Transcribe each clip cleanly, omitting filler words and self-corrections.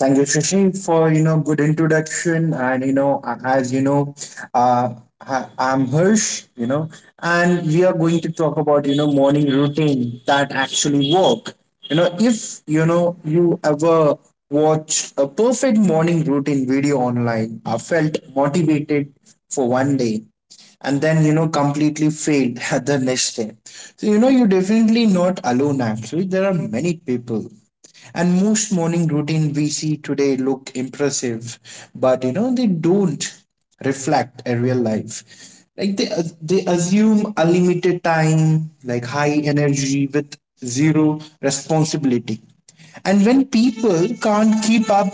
Thank you, Shashi, for good introduction, and you know a- as you know, uh, I- I'm Hirsch, you know, and we are going to talk about morning routine that actually work. You know, if you know you ever watched a perfect morning routine video online, I felt motivated for one day, and then completely failed the next day. So you're definitely not alone. Actually, there are many people, and most morning routine we see today look impressive, but they don't reflect a real life. Like they assume unlimited time, like high energy with zero responsibility. And when people can't keep up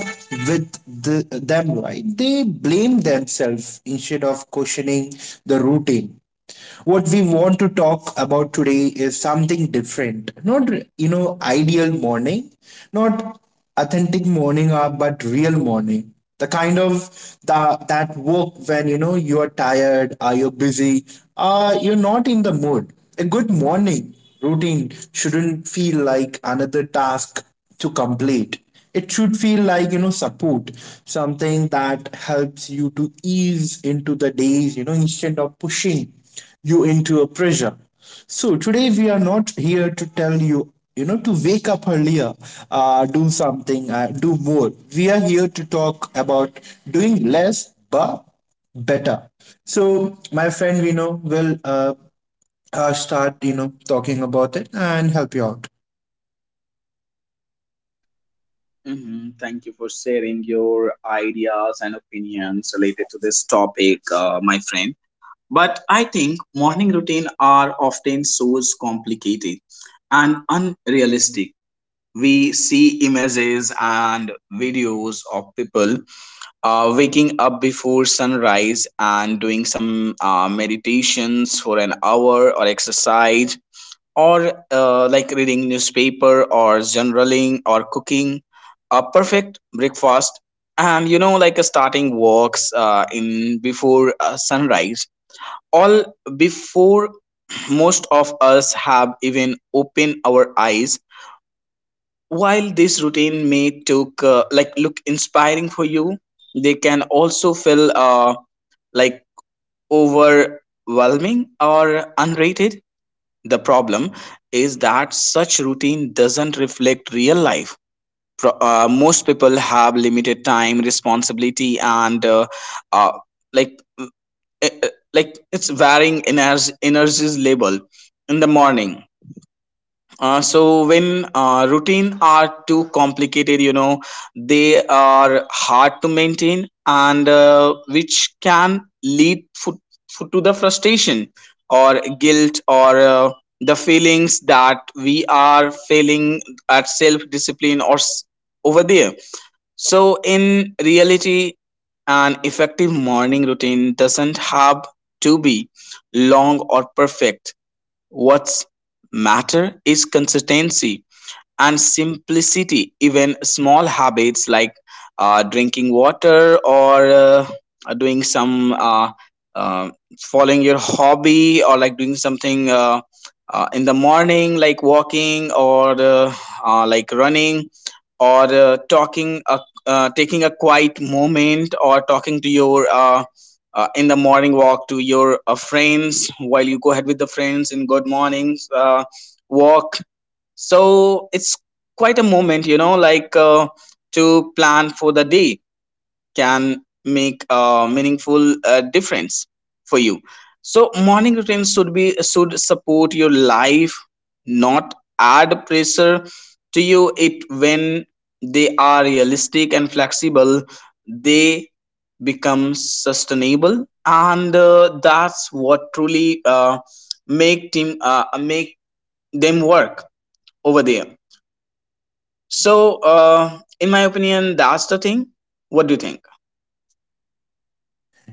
with them, right, they blame themselves instead of questioning the routine. What we want to talk about today is something different. Not ideal morning, not authentic morning hour, but real morning. The kind of the, that work when you are tired or you're busy, you're not in the mood. A good morning routine shouldn't feel like another task to complete. It should feel like support, something that helps you to ease into the days, instead of pushing you into a pressure. So today we are not here to tell you, you know to wake up earlier, do something, do more. We are here to talk about doing less but better. So my friend we know will start talking about it and help you out.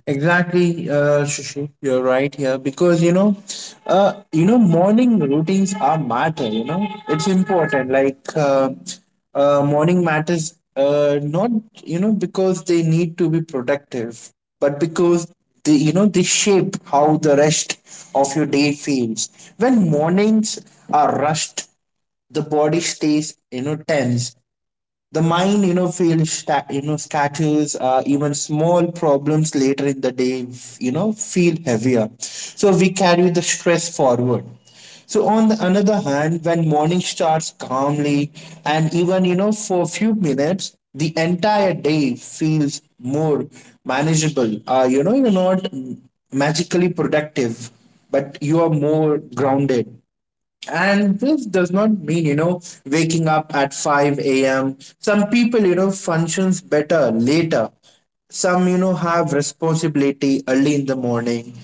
Exactly, Shishi, you're right here because morning routines are matter. You know, it's important. Like morning matters, not because they need to be productive, but because they you know they shape how the rest of your day feels. When mornings are rushed, the body stays, tense. The mind, you know, scatters. Uh, even small problems later in the day, you know, feel heavier. So we carry the stress forward. So on the another hand, when morning starts calmly, and even, you know, for a few minutes, the entire day feels more manageable. You know, you're not magically productive, but you are more grounded. And this does not mean, you know, waking up at 5 a.m. Some people, you know, functions better later. Some, you know, have responsibility early in the morning.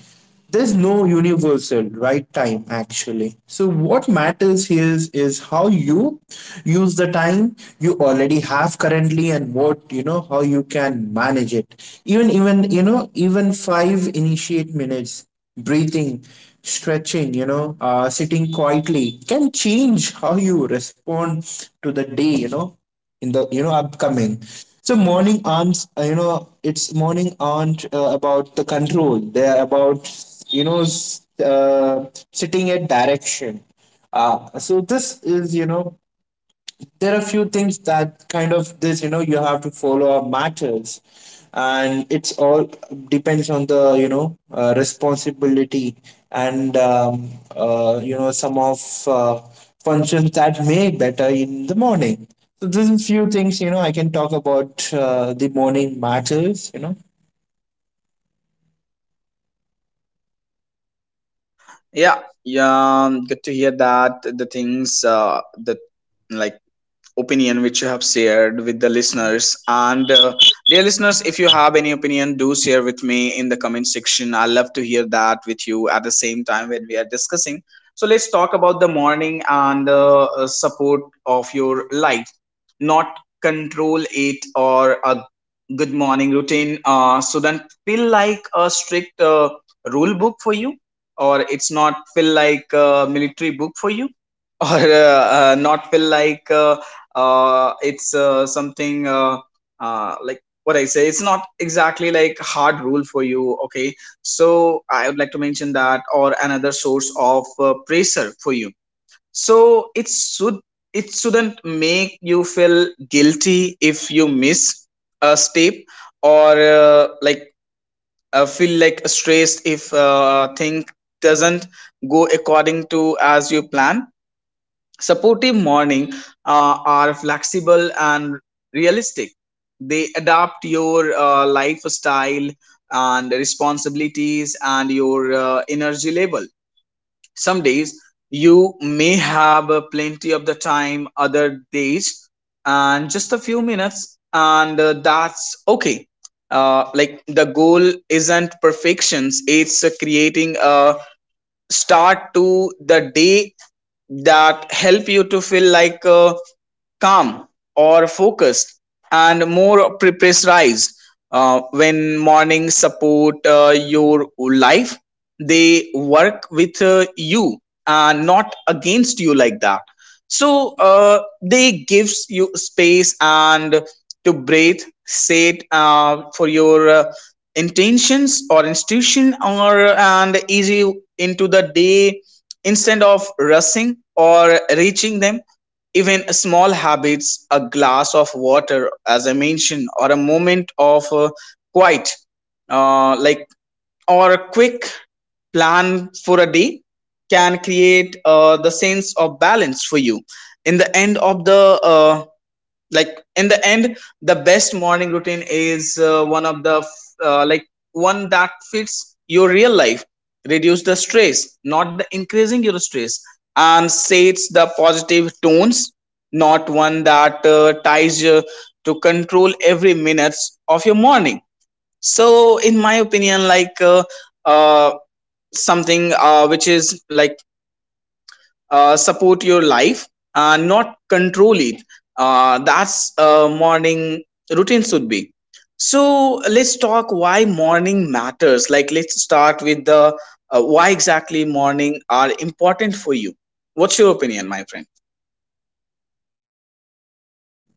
There's no universal right time actually. So what matters here is, how you use the time you already have currently, and what, you know, how you can manage it. Even you know, even five initiate minutes breathing, stretching, you know, sitting quietly can change how you respond to the day, you know, in the, you know, upcoming. So morning aren't, you know, it's morning aren't about the control. They're about, you know, sitting at direction. So this is, you know, there are few things that kind of this, you know, you have to follow up matters, and it's all depends on the, you know, responsibility, and you know, some of uh, functions that may better in the morning. So this is few things, you know, I can talk about, the morning matters, you know.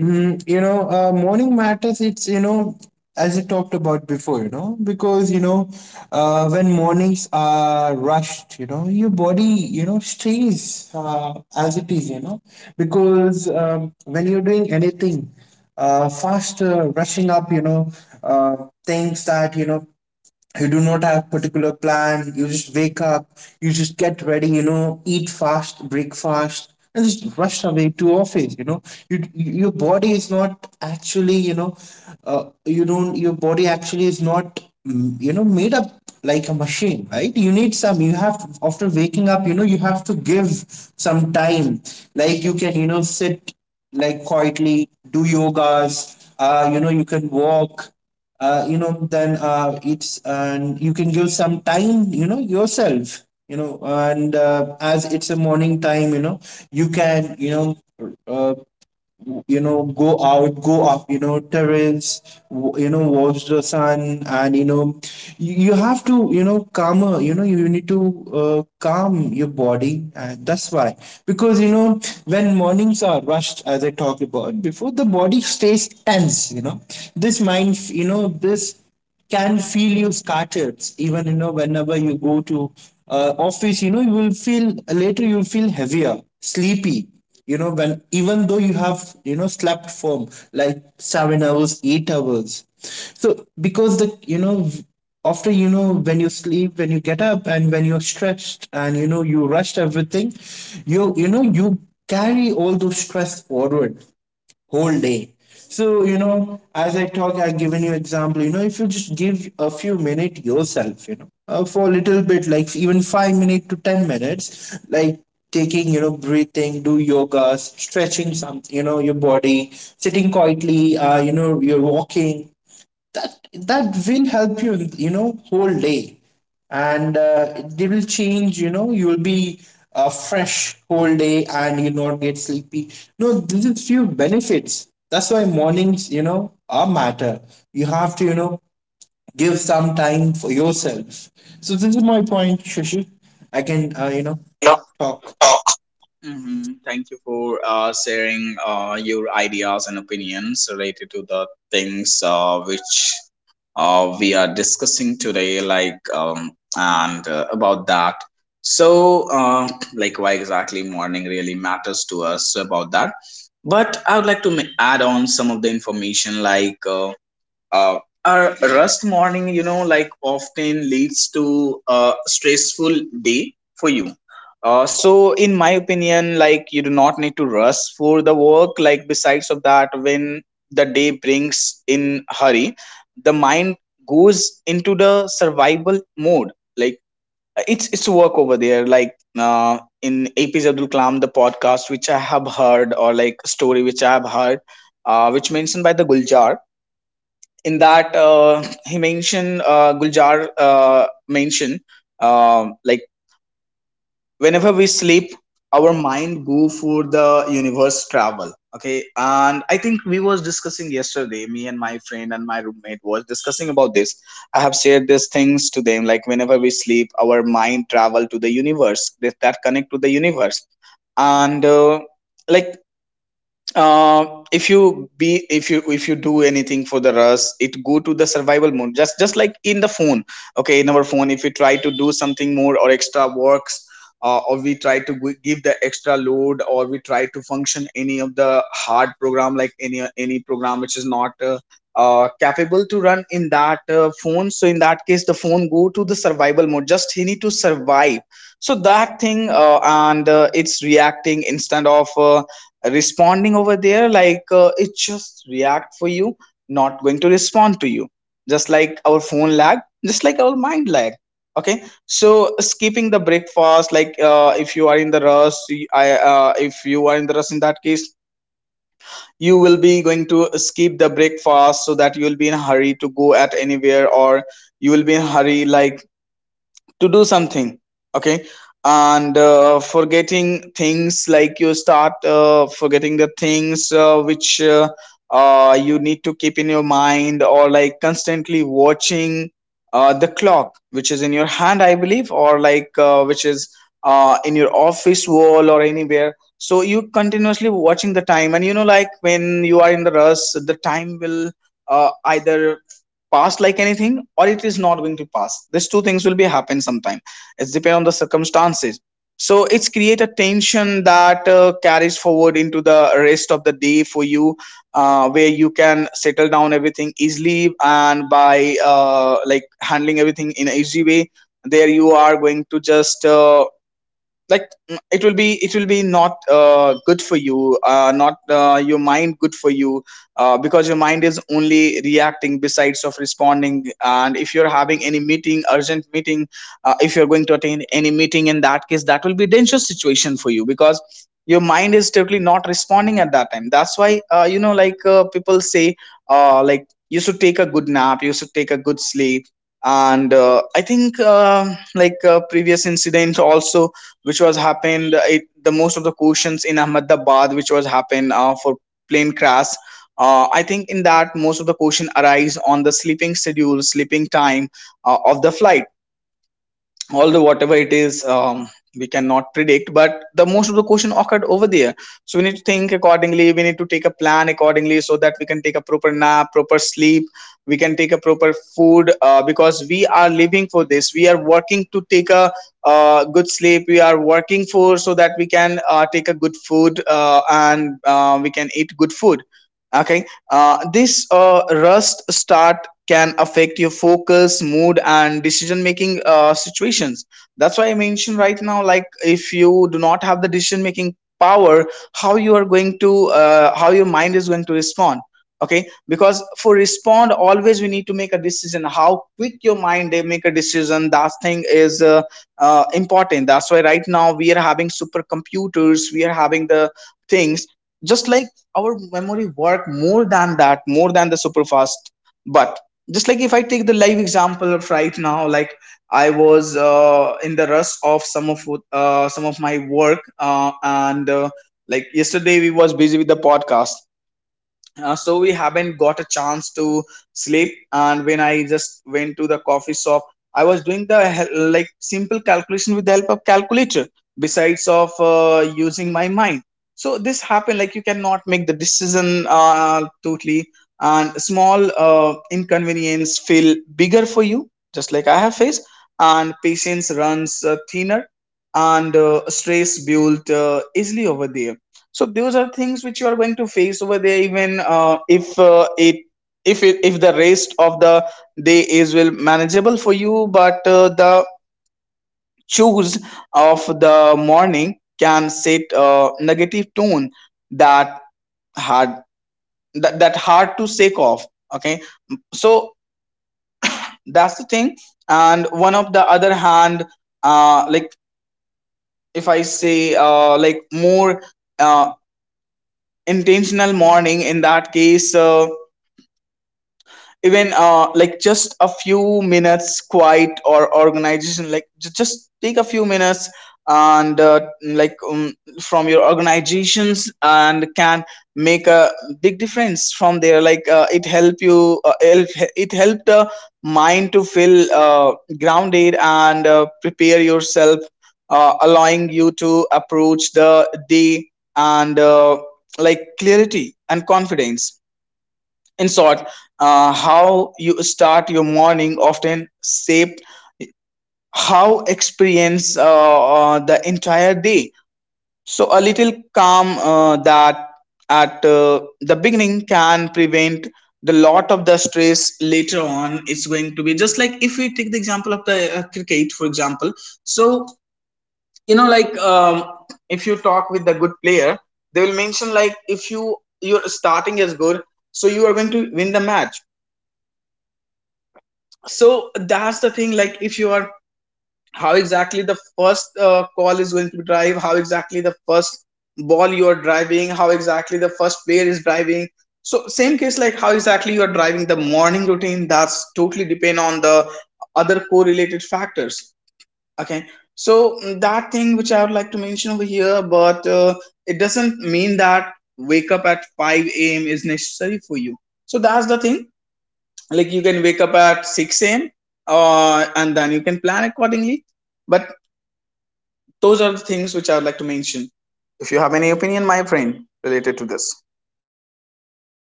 Mm, you know, morning matters. It's, you know, as I talked about before, you know, because, you know, when mornings are rushed, you know, your body, you know, stays as it is, you know, because when you're doing anything faster, rushing up, you know, uh, things that, you know, you do not have particular plan. You just wake up, you just get ready, you know, eat fast breakfast and just rush away to office. You know, your body is not actually, you know, you don't, your body actually is not, you know, made up like a machine, right? You need some, you have, after waking up, you know, you have to give some time. Like you can, you know, sit, like quietly do yogas, you know, you can walk, you know, then it's and you can give some time, you know, yourself, you know. And as it's a morning time, you know, you can, you know, uh, go out, go up, you know, terrace, you know, watch the sun. And you know, you have to, you know, calmer, you know, you need to, calm your body. And that's why, because you know, when mornings are rushed, as I talked about before, the body stays tense, you know. This mind, you know, this can feel you scattered. Even, you know, whenever you go to office, you know, you will feel later, you'll feel heavier, sleepy, you know, when even though you have, you know, slept firm like 7 hours, 8 hours. So because the, you know, after you know, when you sleep, when you get up, and when you're stressed and you know, you rushed everything, you know you carry all those stress forward whole day. So you know, as I talk, I've given you example, you know, if you just give a few minutes yourself, you know, for a little bit, like even 5 minutes to 10 minutes, like taking, you know, breathing, do yoga, stretching some, you know, your body, sitting quietly, you know, you're walking, that will help you, you know, whole day. And it will change, you know, you will be fresh whole day and you not get sleepy. No, this is few benefits. That's why mornings, you know, are matter. You have to, you know, give some time for yourself. So this is my point, Shashi. I can, you know, talk.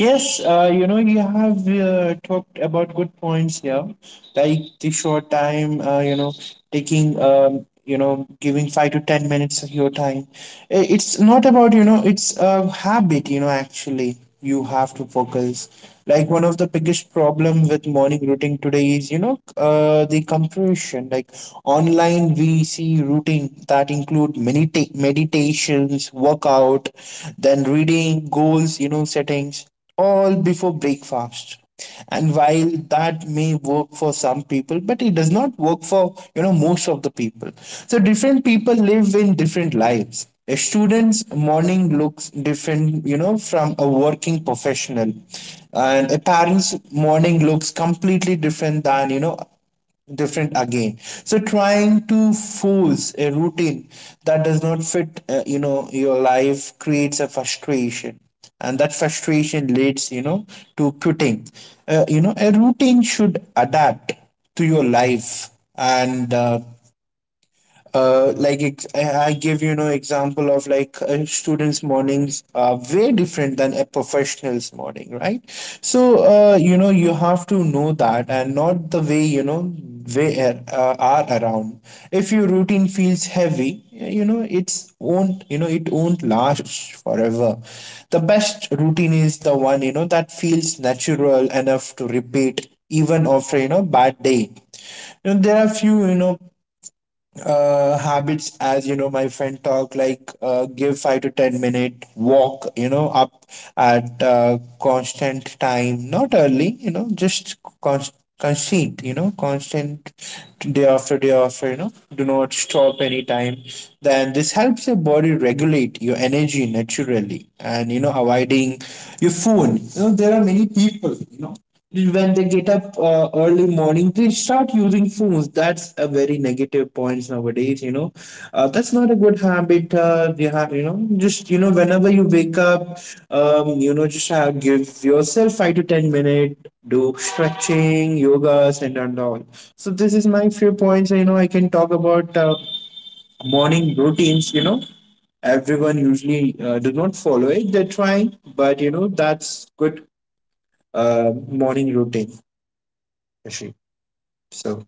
Yes, you know, you have talked about good points here, like the short time, you know, taking, you know, giving 5 to 10 minutes of your time. It's not about, you know, it's a habit, you know, actually, you have to focus. Like one of the biggest problem with morning routine today is, you know, the compression. Like online, we see routine that include meditations, workout, then reading, goals, you know, settings, all before breakfast. And while that may work for some people, but it does not work for, you know, most of the people. So different people live in different lives. A student's morning looks different, you know, from a working professional, and a parent's morning looks completely different than, you know, different again. So trying to force a routine that does not fit, you know, your life creates a frustration, and that frustration leads, you know, to quitting. Uh, you know, a routine should adapt to your life. And like I give, you know, example of like a students mornings are way different than a professional's morning, right? So you know, you have to know that and not the way, you know, way are around. If your routine feels heavy, you know, it won't last forever. The best routine is the one, you know, that feels natural enough to repeat even after, you know, bad day. You know, there are few, you know, habits, as you know, my friend talk, like give 5 to 10 minute walk, you know, up at constant time, not early, you know, just const- constant, you know, constant, day after day after, you know, do not stop anytime. Then this helps your body regulate your energy naturally. And you know, avoiding your phone, you know, there are many people, you know, when they get up, early morning they start using phones. That's a very negative point nowadays, you know. Uh, that's not a good habit. Uh, you have, you know, just you know, whenever you wake up, you know, just give yourself 5 to 10 minute, do stretching, yogas, and all. So this is my few points, you know, I can talk about, morning routines, you know. Everyone usually, do not follow it. They're trying, but you know, that's good, morning routine, Rishi. So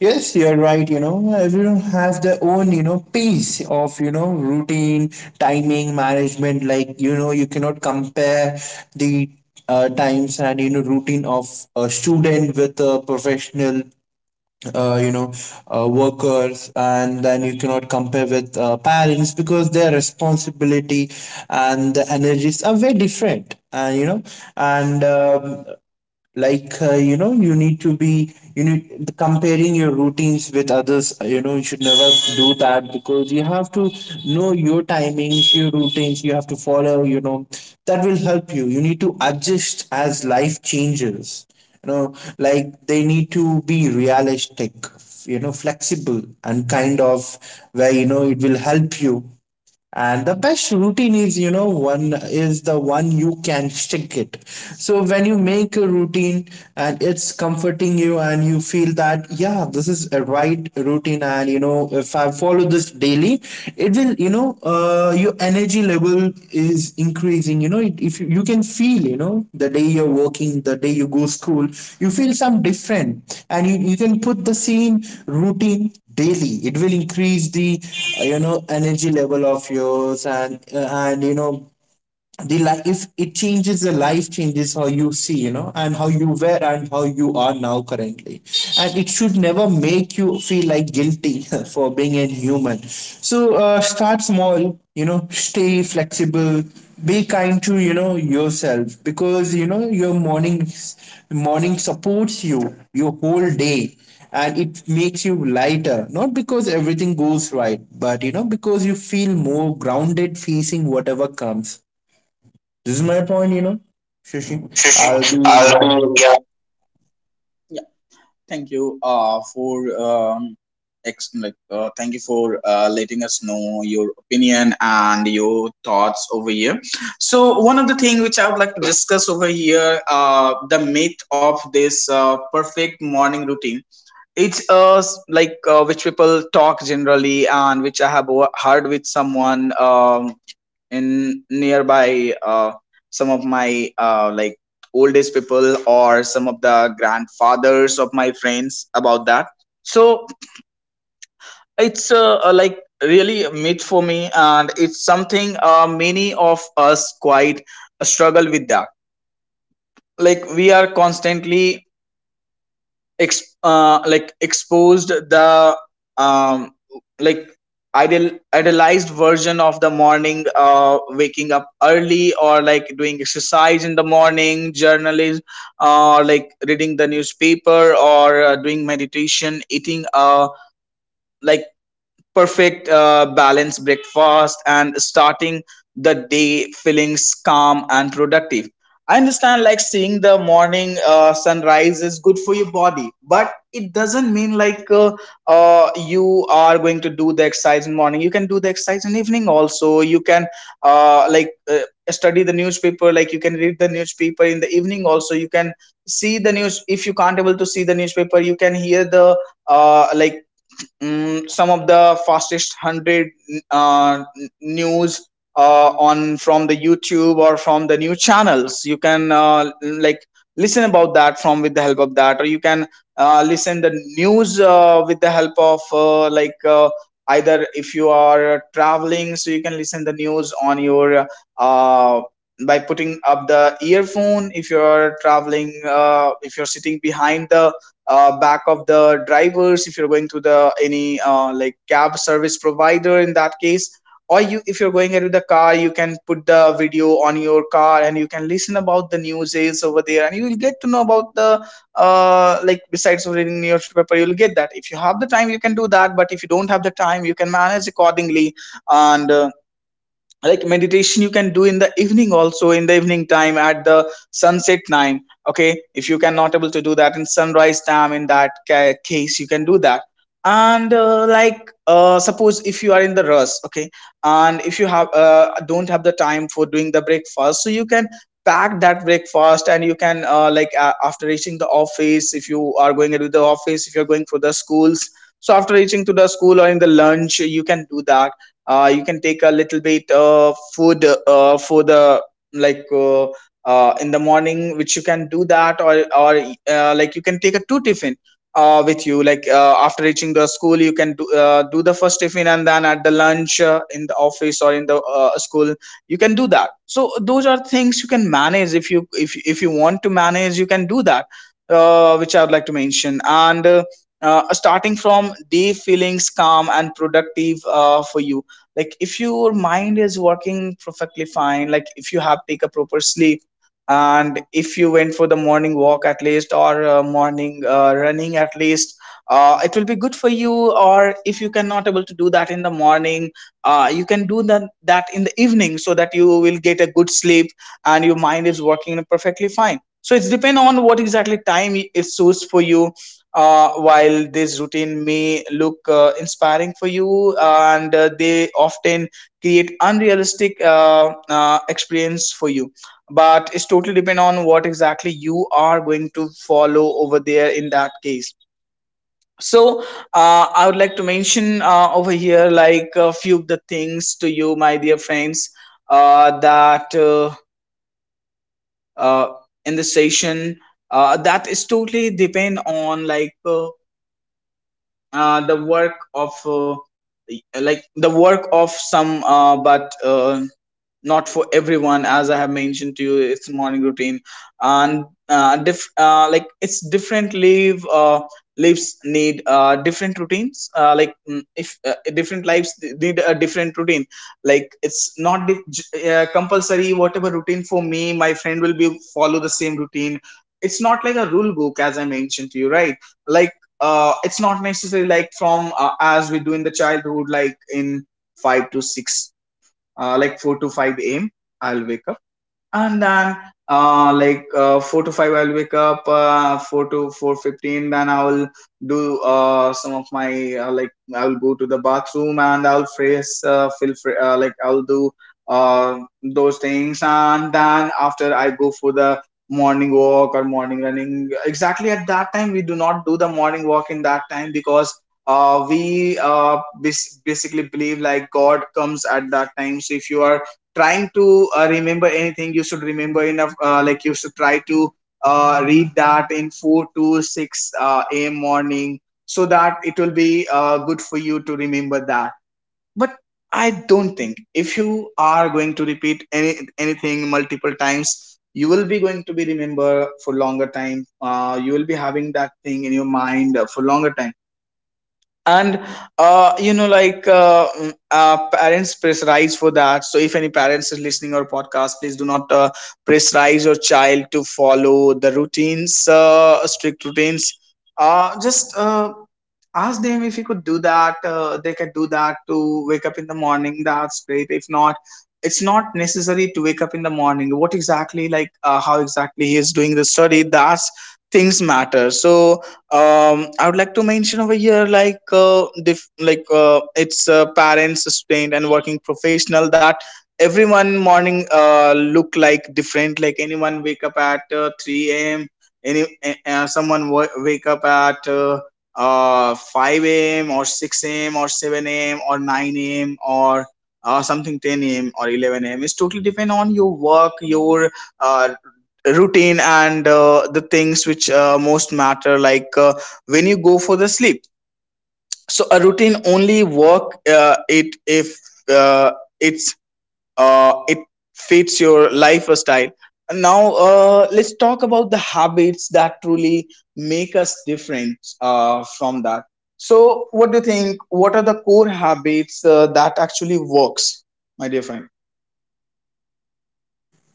yes, you're right. You know, everyone has their own, you know, piece of, you know, routine, timing, management. Like, you know, you cannot compare the times and, you know, routine of a student with a professional, uh, you know, workers. And then you cannot compare with parents because their responsibility and the energies are very different. And, you know, and like you know you need to be, you need, comparing your routines with others, you should never do that because you have to know your timings, your routines you have to follow, that will help you. You need to adjust as life changes, like, they need to be realistic, flexible and kind of, where it will help you. And the best routine is, one is the one you can stick it. So when you make a routine and it's comforting you, and you feel that, yeah, this is a right routine. And, if I follow this daily, it will, your energy level is increasing. You know, it, if you, you can feel, the day you're working, the day you go school, you feel some different, and you can put the same routine daily, it will increase the energy level of yours. And and the life, if it changes, the life changes how you see, and how you were and how you are now currently. And it should never make you feel like guilty for being a human. So start small, stay flexible, be kind to, yourself, because your morning supports you, your whole day. And it makes you lighter, not because everything goes right, but because you feel more grounded facing whatever comes. This is my point, Know, Shashi. I'll be, I'll yeah. be,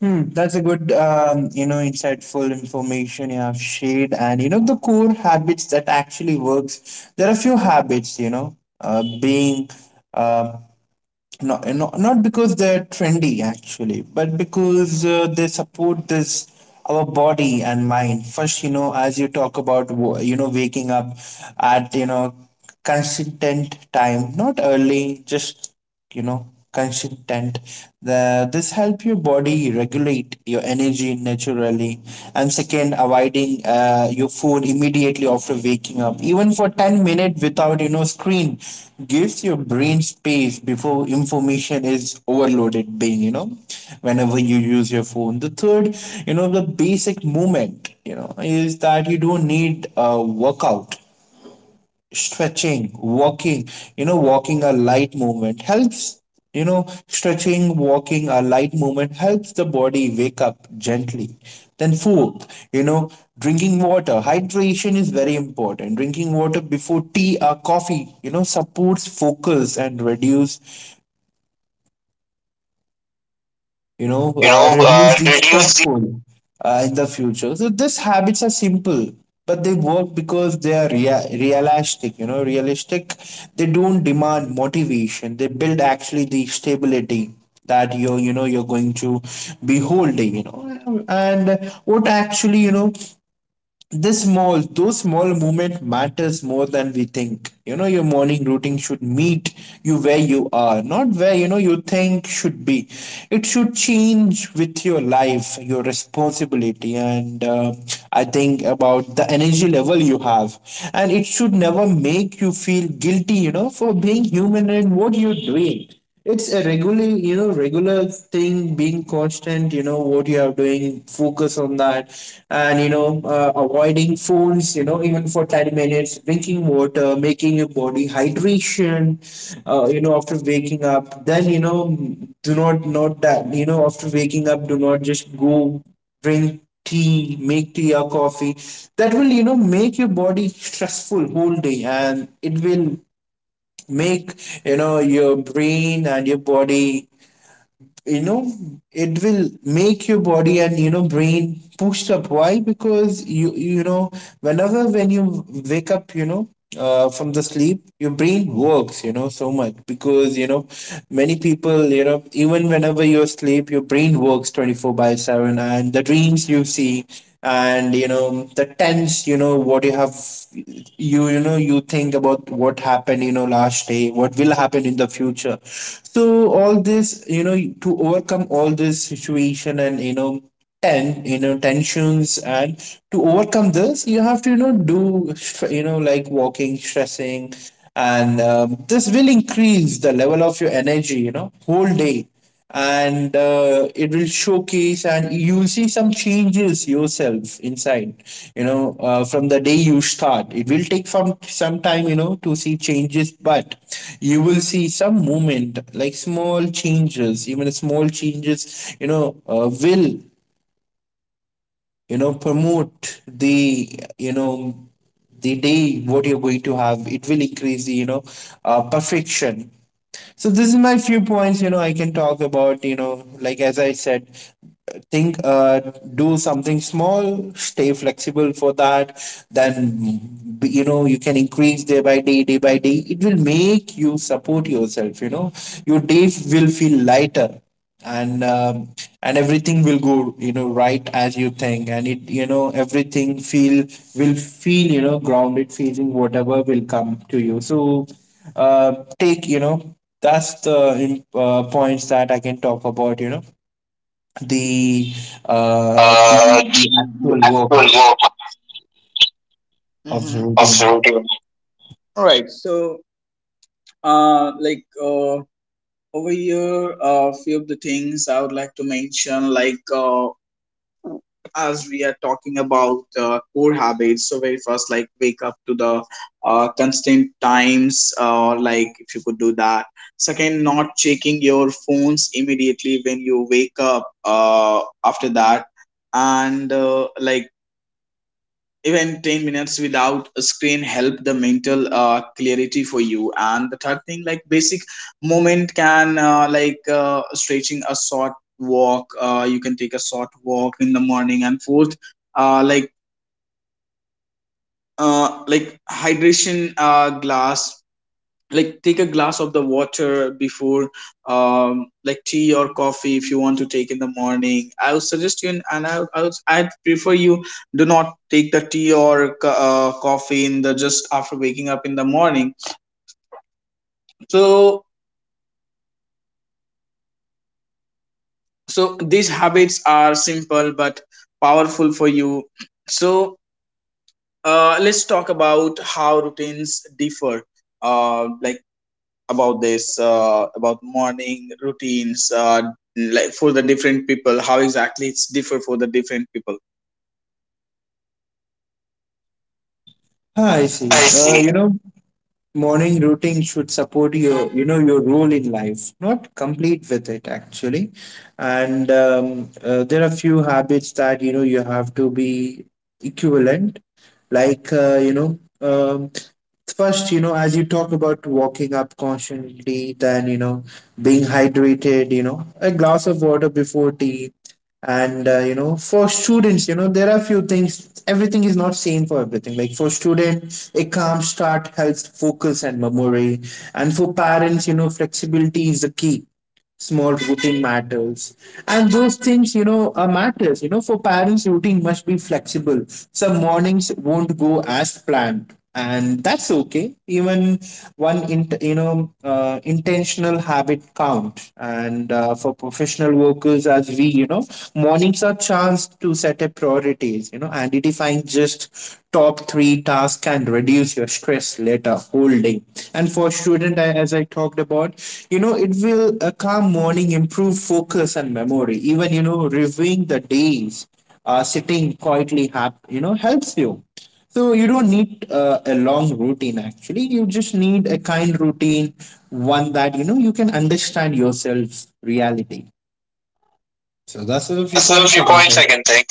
That's a good, insightful information you have shared, and you know the core habits that actually works. There are few habits, being, uh, not because they're trendy actually, but because they support this, our body and mind. First, as you talk about, waking up at, consistent time, not early, just, consistent. The, this help your body regulate your energy naturally. And second, avoiding your phone immediately after waking up, even for 10 minutes without, screen, gives your brain space before information is overloaded. Being, whenever you use your phone. The third, the basic movement, is that you don't need a workout, stretching, walking, you know walking a light movement helps you know stretching, walking, a light movement helps the body wake up gently. Then fourth, you know drinking water, hydration is very important, drinking water before tea or coffee, supports focus and reduce, you know, reduce the reduce stressful, in the future. So these habits are simple, but they work because they are realistic. You know, realistic. They don't demand motivation. They build actually the stability that you're, you're going to be holding, and what actually, you know this small those small movement matters more than we think. Your morning routine should meet you where you are, not where, you think should be. It should change with your life, your responsibility. And I think about the energy level you have, and it should never make you feel guilty, for being human. And what you're doing, it's a regular, regular thing. Being constant, what you are doing, focus on that. And, avoiding phones, even for 10 minutes, drinking water, making your body hydration, after waking up. Then, do not, not that, after waking up, do not just go drink tea, make tea or coffee. That will, make your body stressful whole day, and it will make, your brain and your body, you know it will make your body and, brain pushed up. Why? Because you know whenever, when you wake up, from the sleep, your brain works, so much, because, many people, even whenever you're asleep, your brain works 24 by 7, and the dreams you see, and, the tense, what you have, you know you think about what happened, last day, what will happen in the future. So all this, to overcome all this situation, and, tensions, and to overcome this, you have to, do like walking, stressing. And this will increase the level of your energy, whole day. And it will showcase, and you'll see some changes yourself inside, from the day you start. It will take some time, to see changes, but you will see some movement, like small changes, even small changes, will, promote the, you know the day what you're going to have, it will increase the, perfection. So this is my few points, I can talk about, like as I said. Think Do something small, stay flexible for that. Then, you can increase day by day, day by day, it will make you support yourself, your day will feel lighter. And and everything will go, right as you think. And it, everything feel, will feel, grounded, feeling whatever will come to you. So take, that's the points that I can talk about. You know, the the the actual work actual work of the of routine. the routine. All right. Ah, I see. I see. Morning routine should support your, your role in life, not complete with it actually. And there are few habits that, you have to be equivalent, like, first, as you talk about walking up constantly. Then, being hydrated, a glass of water before tea. And you know, for students, there are few things, everything is not same for everything. Like for student, a calm start helps focus and memory. And for parents, flexibility is the key, small routine matters. And those things, are matters, for parents, routine must be flexible. Some mornings won't go as planned, and that's okay. Even one in, intentional habit count. And for professional workers, as we, mornings are chance to set up priorities, identifying just top three task and reduce your stress later holding. And for student, as I talked about, it will, a calm morning improve focus and memory. Even, reviewing the days, sitting quietly helps you. So you don't need a long routine actually, you just need a kind routine, one that, you can understand yourself reality. So that's a So few that's the points I few can points I take. can think.